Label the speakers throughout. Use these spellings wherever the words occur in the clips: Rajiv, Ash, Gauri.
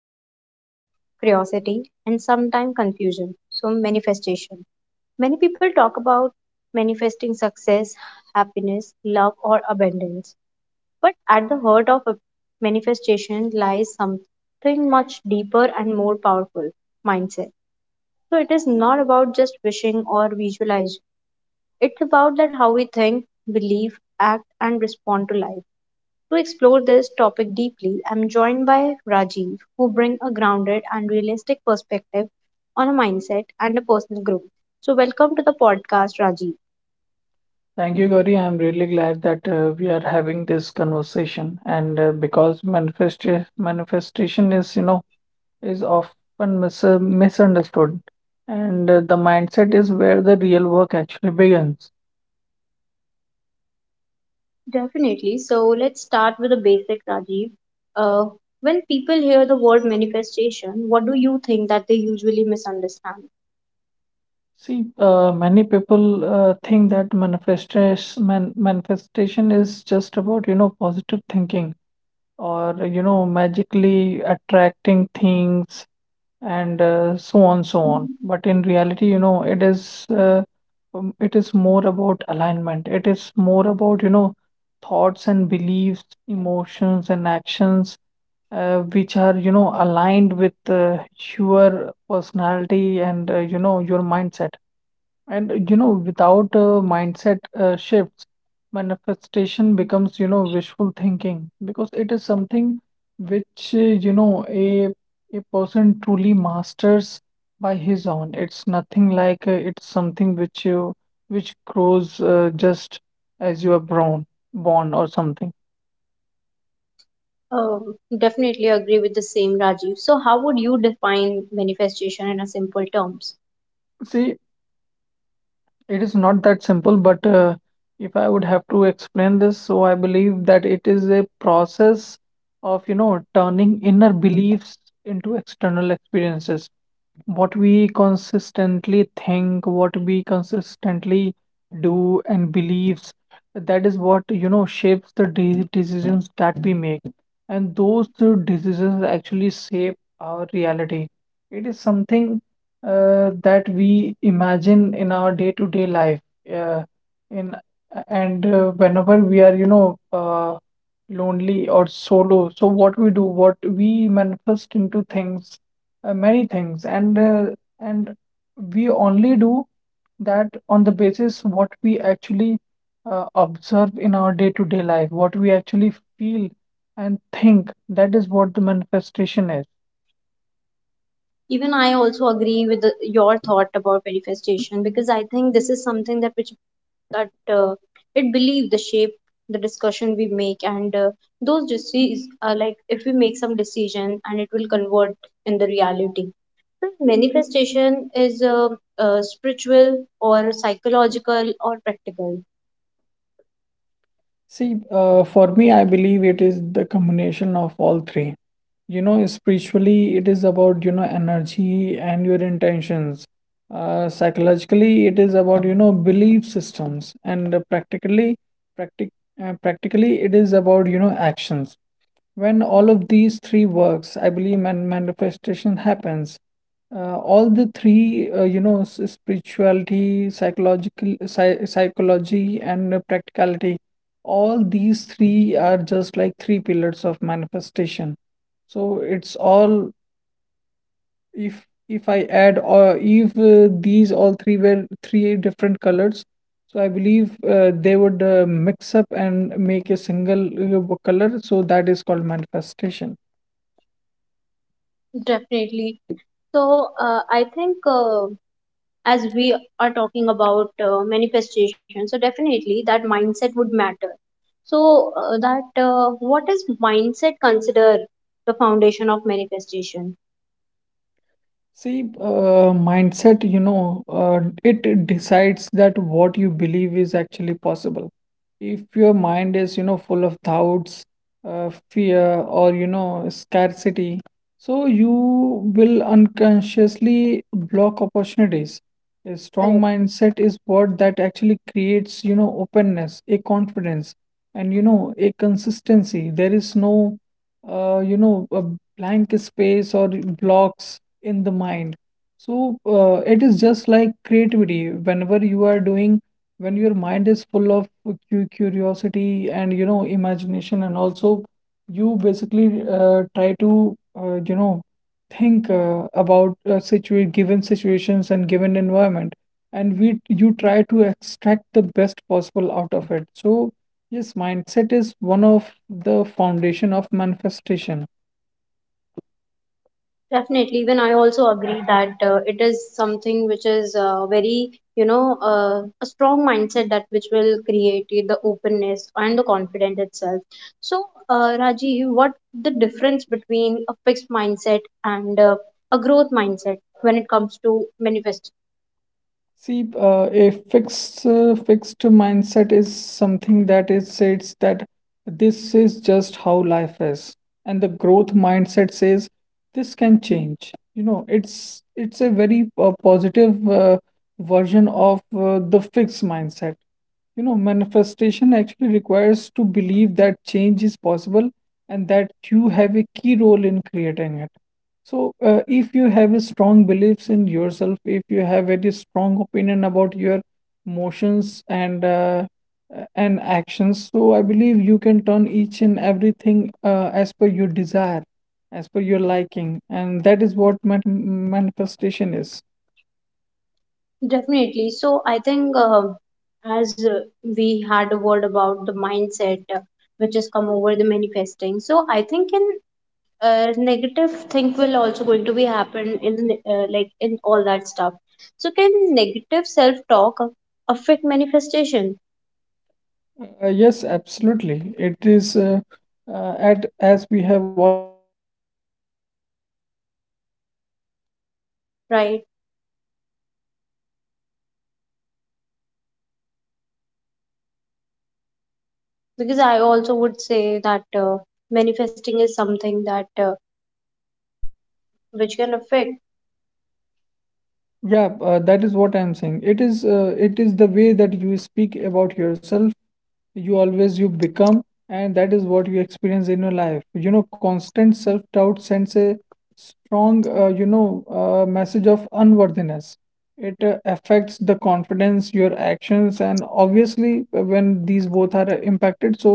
Speaker 1: of attention, curiosity, and sometimes confusion. So, manifestation. Many people talk about manifesting success, happiness, love, or abundance. But at the heart of a manifestation lies something much deeper and more powerful mindset. So it is not about just wishing or visualizing, it's about that how we think, believe, act, and respond to life. To explore this topic deeply, I'm joined by Rajiv, who brings a grounded and realistic perspective on a mindset and a personal growth. So, welcome to the podcast, Rajiv.
Speaker 2: Thank you, Gauri. I'm really glad that we are having this conversation, and because manifestation manifestation is, you know, is often misunderstood, and the mindset is where the real work actually begins.
Speaker 1: Definitely. So let's start with the basic, Rajiv. Uh, when people hear the word manifestation, what do you think that they usually misunderstand?
Speaker 2: See, many people think that manifestation is just about, you know, positive thinking or you know, magically attracting things and so on but in reality, you know, it is more about alignment. It is more about, you know, thoughts and beliefs, emotions, and actions which are, you know, aligned with your personality and you know, your mindset, and you know, without mindset shifts, manifestation becomes, you know, wishful thinking, because it is something which, you know, a person truly masters by his own. It's nothing like it's something which you which grows just as you are born, born or something.
Speaker 1: Definitely agree with the same, Rajiv. So, how would you define manifestation in a simple terms?
Speaker 2: See, it is not that simple, but if I would have to explain this, so I believe that it is a process of, you know, turning inner beliefs into external experiences. What we consistently think, what we consistently do and believes, that is what, you know, shapes the decisions that we make, and those two decisions actually shape our reality. It is something that we imagine in our day-to-day life, uh, in and whenever we are, you know, lonely or solo, so what we do, what we manifest into things, many things, and we only do that on the basis what we actually observe in our day-to-day life, what we actually feel and think. That is what the manifestation is.
Speaker 1: Even I also agree with the, your thought about manifestation because I think this is something that which that it believe the shape the discussion we make and those decisions are like if we make some decision and it will convert in the reality. So manifestation is spiritual or psychological or practical.
Speaker 2: See, for me, I believe it is the combination of all three. You know, spiritually, it is about, you know, energy and your intentions. Psychologically, it is about, you know, belief systems. And uh, practically, practic uh, practically, it is about, you know, actions. When all of these three works, I believe manifestation happens. All the three, you know, spirituality, psychological, psy psychology, and practicality, all these three are just like three pillars of manifestation. So it's all, if I add, or if these all three were three different colors, so I believe they would mix up and make a single color. So that is called manifestation.
Speaker 1: Definitely. So I think as we are talking about manifestation, so definitely that mindset would matter. So that what is mindset consider the foundation of manifestation.
Speaker 2: See, mindset, you know, it decides that what you believe is actually possible. If your mind is, you know, full of doubts, fear, or, you know, scarcity, so you will unconsciously block opportunities. A strong
Speaker 1: Correct.
Speaker 2: mindset is what that actually creates, you know, openness, a confidence, and, you know, a consistency. There is no, you know, a blank space or blocks in the mind. So it is just like creativity. Whenever you are doing, when your mind is full of curiosity and, you know, imagination, and also you basically try to you know think about situa given situations and given environment, and we you try to extract the best possible out of it. So yes, mindset is one of the foundation of manifestation.
Speaker 1: Definitely, even I also agree that it is something which is very, you know, a strong mindset that which will create the openness and the confidence itself. So, Raji, what the difference between a fixed mindset and a growth mindset when it comes to manifest?
Speaker 2: See, a fixed mindset is something that is says that this is just how life is, and the growth mindset says this can change. You know, it's a very positive version of the fixed mindset. You know, manifestation actually requires to believe that change is possible and that you have a key role in creating it. So, if you have a strong beliefs in yourself, if you have very strong opinion about your motions and actions, so I believe you can turn each and everything as per your desire, as per your liking, and that is what manifestation is.
Speaker 1: Definitely. So, I think as we had a word about the mindset which has come over the manifesting, so I think in negative thing will also going to be happen in the like in all that stuff, so can negative self talk affect manifestation?
Speaker 2: Yes, absolutely. It is at as we have all already mentioned this that you know, the
Speaker 1: Right.
Speaker 2: way you speak, the way you experience is the way you
Speaker 1: Because I
Speaker 2: actually, you
Speaker 1: also
Speaker 2: know,
Speaker 1: would
Speaker 2: become.
Speaker 1: say that manifesting is something that which can affect.
Speaker 2: Yeah, that is what I'm saying. It is it is the way that you speak about yourself, you always you become, and that is what you experience in your life. You know, constant self doubt sends a strong you know message of unworthiness. It affects the confidence, your actions, and obviously when these both are impacted, so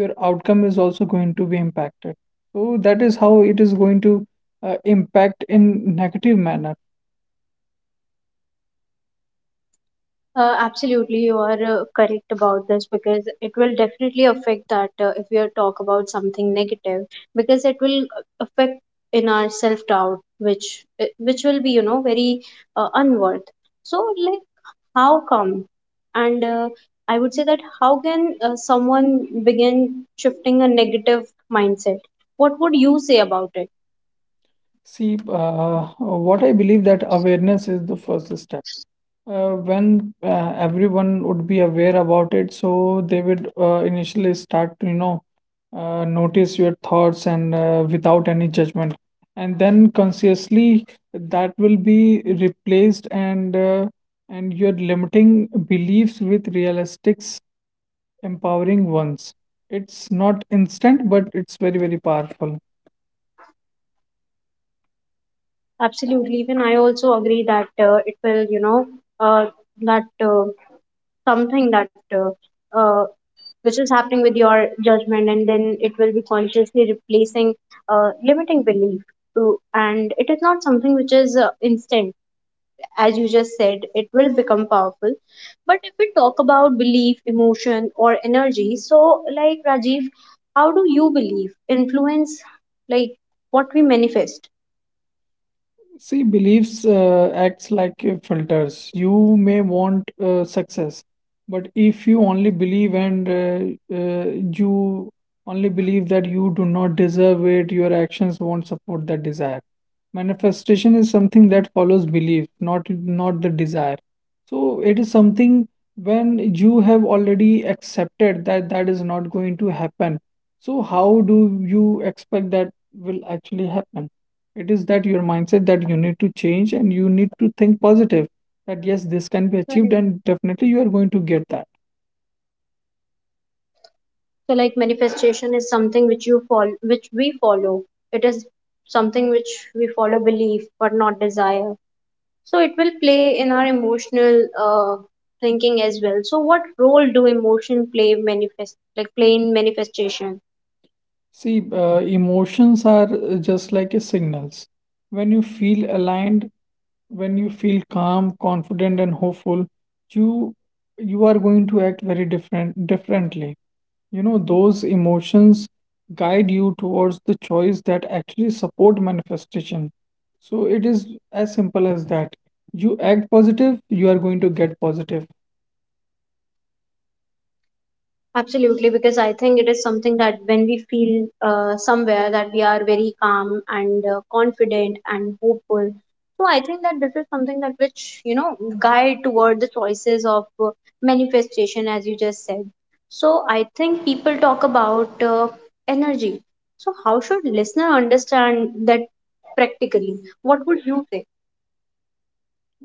Speaker 2: your outcome is also going to be impacted. So that is how it is going to impact in negative manner.
Speaker 1: Absolutely, you are correct about this, because it will definitely affect that if we are talk about something negative, because it will affect in our self doubt which will be, you know, very unworth. So like, how come, and I would say that how can someone begin shifting a negative mindset? What would you say about it?
Speaker 2: See, what I believe that awareness is the first step. When everyone would be aware about it, so they would initially start to, you know, notice your thoughts, and without any judgment. And then consciously that will be replaced, and and your limiting beliefs with realistic, empowering ones. It's not instant, but it's very, very powerful.
Speaker 1: Absolutely, even I also agree that it will, you know, uh, that something that uh, which is happening with your judgment, and then it will be consciously replacing limiting belief to, and it is not something which is instant. As you just said, it will become powerful. But if we talk about belief, emotion, or energy, so like Rajiv, how do you believe influence, like, what we manifest?
Speaker 2: See, beliefs acts like filters. You may want success, but if you only believe and you only believe that you do not deserve it, your actions won't support that desire. Manifestation is something that follows belief, not the desire. So it is something, when you have already accepted that that is not going to happen, so how do you expect that will actually happen? It is that your mindset that you need to change, and you need to think positive that yes, this can be achieved,
Speaker 1: Correct.
Speaker 2: and definitely you are going to get that.
Speaker 1: So like manifestation is something which you follow, which we follow. It is something which we follow belief but not desire. So it will play in our emotional thinking as well. So what role do emotion play manifest, like play in manifestation?
Speaker 2: See, emotions are just like a signals. When you feel aligned, when you feel calm, confident, and hopeful, you you are going to act very differently. You know, those emotions guide you towards the choice that actually support manifestation. So it is as simple as that. You act positive, you are going to get positive.
Speaker 1: Absolutely, because I think it is something that when we feel somewhere that we are very calm and confident and hopeful. So I think that this is something that which, you know, guide toward the choices of manifestation, as you just said. So I think people talk about energy. So how should listener understand that practically? What would you say?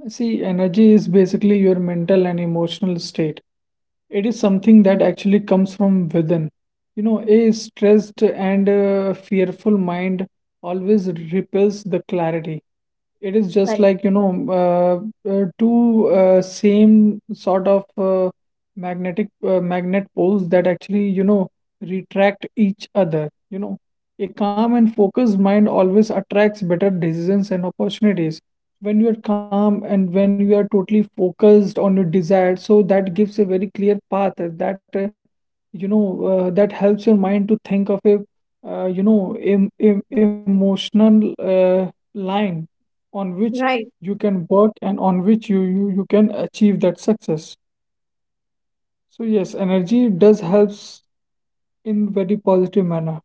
Speaker 2: See, energy is basically your mental and emotional state. It is something that actually comes from within. You know, a stressed and fearful mind always repels the clarity. It is just
Speaker 1: Correct.
Speaker 2: like, you know, two same sort of magnet poles that actually, you know, retract each other. You know, a calm and focused mind always attracts better decisions and opportunities. When you are calm and when you are totally focused on your desire, so that gives a very clear path, that you know that helps your mind to think of a you know emotional line on which
Speaker 1: Right.
Speaker 2: you can work, and on which you, you can achieve that success. So yes, energy does helps in very positive manner.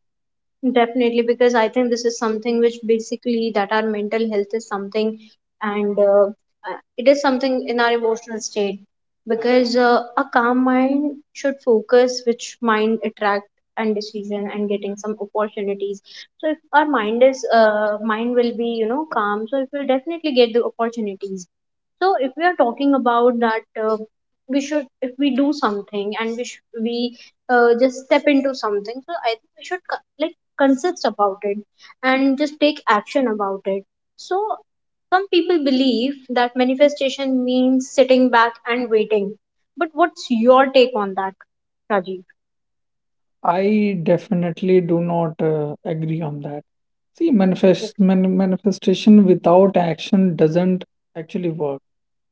Speaker 1: Definitely, because I think this is something which basically that our mental health is something, and it is something in our emotional state. Because a calm mind should focus, which mind attract and decision and getting some opportunities. So if our mind is mind will be, you know, calm, so it will definitely get the opportunities. So if we are talking about that, we should if we do something and we just step into something. So I think we should like consist about it and just take action about it. So some people believe that manifestation means sitting back and waiting, but what's your take on that, Rajiv?
Speaker 2: I definitely do not agree on that. See,
Speaker 1: Okay.
Speaker 2: manifestation without action doesn't actually work.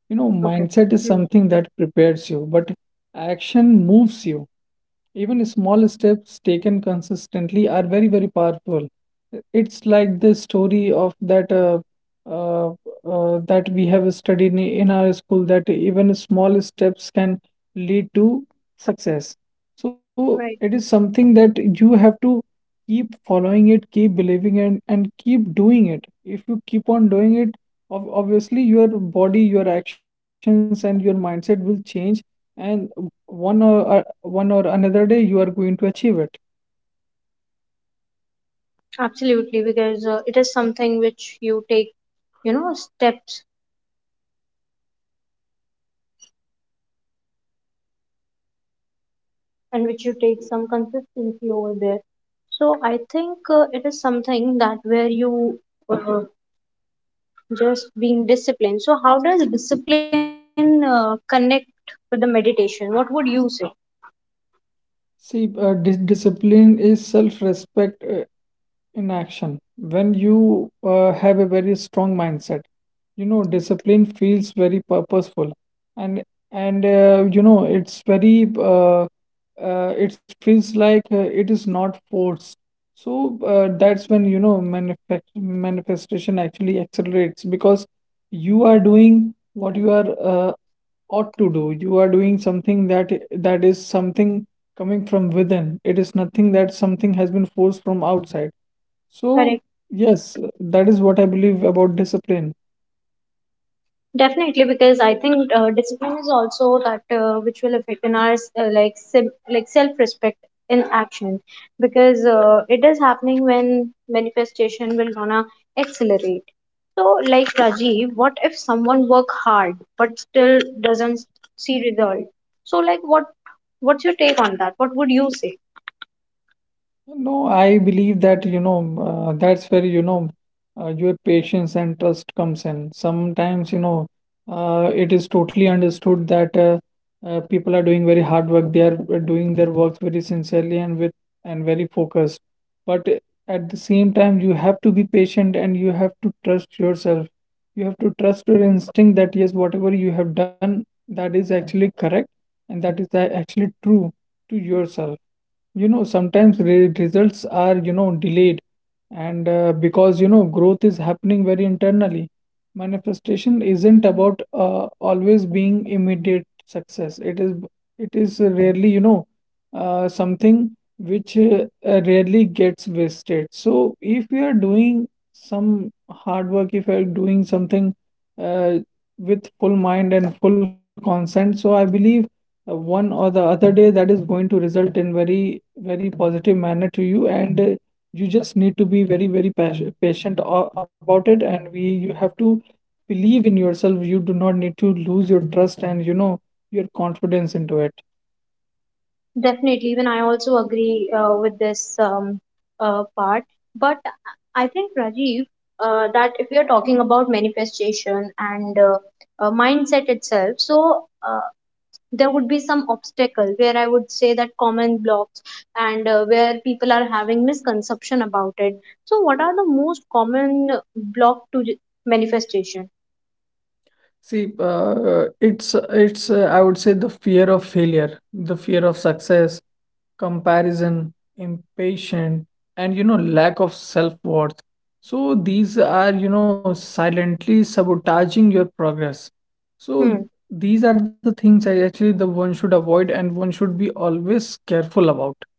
Speaker 2: You know,
Speaker 1: Okay.
Speaker 2: mindset is
Speaker 1: Hmm.
Speaker 2: something that prepares you, but action moves you. Even small steps taken consistently are very, very powerful. It's like the story of that uh, that we have studied in our school, that even small steps can lead to success. So
Speaker 1: Right.
Speaker 2: it is something that you have to keep following it, keep believing it, and keep doing it. If you keep on doing it, obviously your body, your actions, and your mindset will change, and one or one or another day you are going to achieve it.
Speaker 1: Absolutely, because it is something which you take, you know, steps and which you take some consistency over there. So I think it is something that where you uh, just being disciplined. So, how does discipline connect with the meditation? What would you say?
Speaker 2: See, discipline is self-respect in action. When you have a very strong mindset, you know, discipline feels very purposeful, and and you know it's very it feels like it is not forced. So that's when, you know, manifestation actually accelerates, because you are doing what you are ought to do. You are doing something that that is something coming from within. It is nothing that something has been forced from outside. So
Speaker 1: Correct.
Speaker 2: yes, that is what I believe about discipline.
Speaker 1: Definitely, because I think discipline is also that which will affect in our like like self respect in action, because it is happening when manifestation will gonna accelerate. So, like Rajiv, what if someone work hard but still doesn't see result? So, like, what what's your take on that? What would you say?
Speaker 2: No, I believe that, you know, that's where, you know, your patience and trust comes in. Sometimes, you know, it is totally understood that people are doing very hard work. They are doing their work very sincerely and with and very focused. But at the same time, you have to be patient and you have to trust yourself. You have to trust your instinct that yes, whatever you have done, that is actually correct, and that is actually true to yourself. You know, sometimes re results are, you know, delayed, and because, you know, growth is happening very internally. Manifestation isn't about always being immediate success. It is rarely, you know, something which rarely gets wasted. So if we are doing some hard work, if we are doing something uh, with full mind and full consent, so I believe one or the other day that is going to result in very, very positive manner to you, and you just need to be very, very patient about it, and we you have to believe in yourself. You do not need to lose your trust and, you know, your confidence into it.
Speaker 1: Definitely, even I also agree with this part. But I think, Rajiv, that if we are talking about manifestation and mindset itself, so there would be some obstacle where I would say that common blocks and where people are having misconception about it. So, what are the most common block to manifestation?
Speaker 2: See, it's I would say the fear of failure, the fear of success, comparison, impatient, and you know lack of self-worth. So these are, you know, silently sabotaging your progress.
Speaker 1: Hmm.
Speaker 2: So these are the things I actually the one should avoid, and one should be always careful about.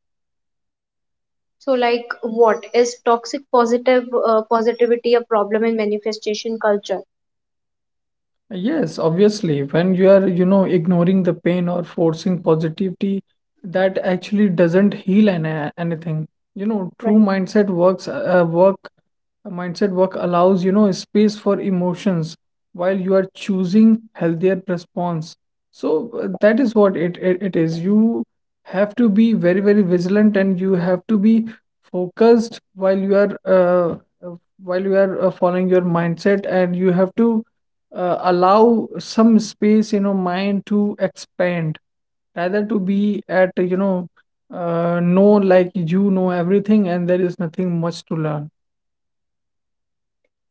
Speaker 1: So, like, what is toxic positive positivity a problem in manifestation culture?
Speaker 2: Yes, obviously, when you are, you know, ignoring the pain or forcing positivity, that actually doesn't heal an anything. You know, true
Speaker 1: Right.
Speaker 2: mindset work allows, you know, space for emotions while you are choosing healthier response. So that is what it, it is. You have to be very, very vigilant, and you have to be focused uh, while you are following your mindset, and you have to allow some space in your mind to expand, rather to be at, you know, know like you know everything and there is nothing much to learn.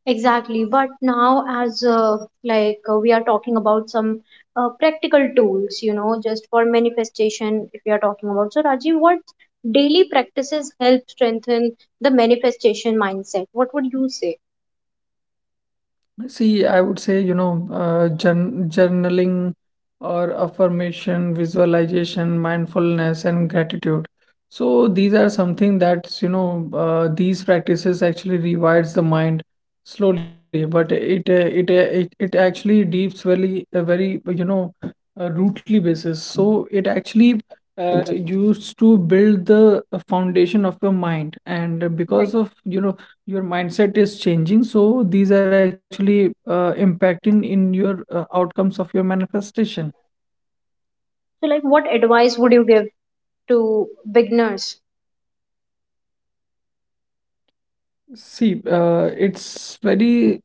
Speaker 1: Exactly, but now as like we are talking about some practical tools, you know, just for manifestation. If we are talking about, so, Rajiv, what daily practices help strengthen the manifestation mindset? What would you say?
Speaker 2: See, I would say, you know, journaling or affirmation, visualization, mindfulness, and gratitude. So these are something that's, you know, these practices actually rewires the mind slowly, but it actually deeps very a very, you know, rootly basis. So it actually used to build the foundation of your mind, and
Speaker 1: Right.
Speaker 2: because of, you know, your mindset is changing, so these are actually impacting in your outcomes of your manifestation.
Speaker 1: So, like, what advice would you give to beginners?
Speaker 2: See, it's very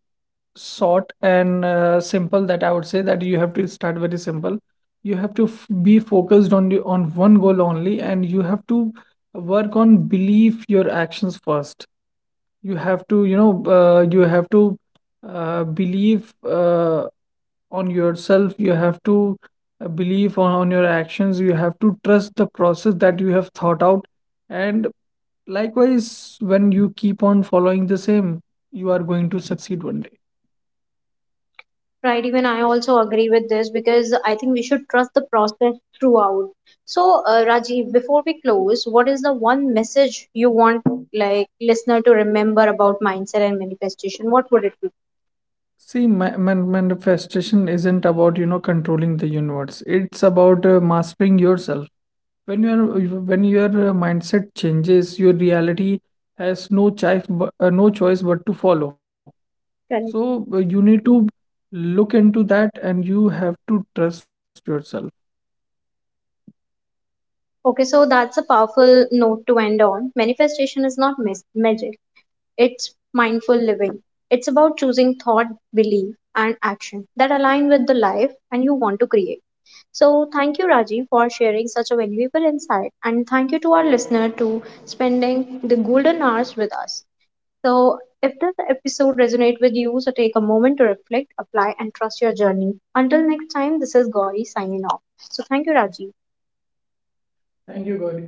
Speaker 2: short and simple, that I would say that you have to start very simple. You have to be focused on on one goal only, and you have to work on believe your actions first. You have to, you know, you have to believe on yourself. You have to believe on your actions. You have to trust the process that you have thought out, and likewise when you keep on following the same, you are going to succeed one day.
Speaker 1: Right, even I also agree with this because I think we should trust the process throughout. So, Rajiv, before we close, what is the one message you want like listener to remember about mindset and manifestation? What would it be?
Speaker 2: See, manifestation isn't about, you know, controlling the universe. It's about mastering yourself. When your when your mindset changes, your reality has no choice no choice but to follow. So
Speaker 1: Correct.
Speaker 2: you need to look into that, and you have to trust yourself.
Speaker 1: Okay, so that's a powerful note to end on. Manifestation is not magic. It's mindful living. It's about choosing thought, belief, and action that align with the life and you want to create. So, thank you, Rajiv, for sharing such a valuable insight. And thank you to our listener to spending the golden hours with us. So, if this episode resonates with you, so take a moment to reflect, apply, and trust your journey. Until next time, this is Gauri signing off. So, thank you, Rajiv.
Speaker 2: Thank you, Gauri.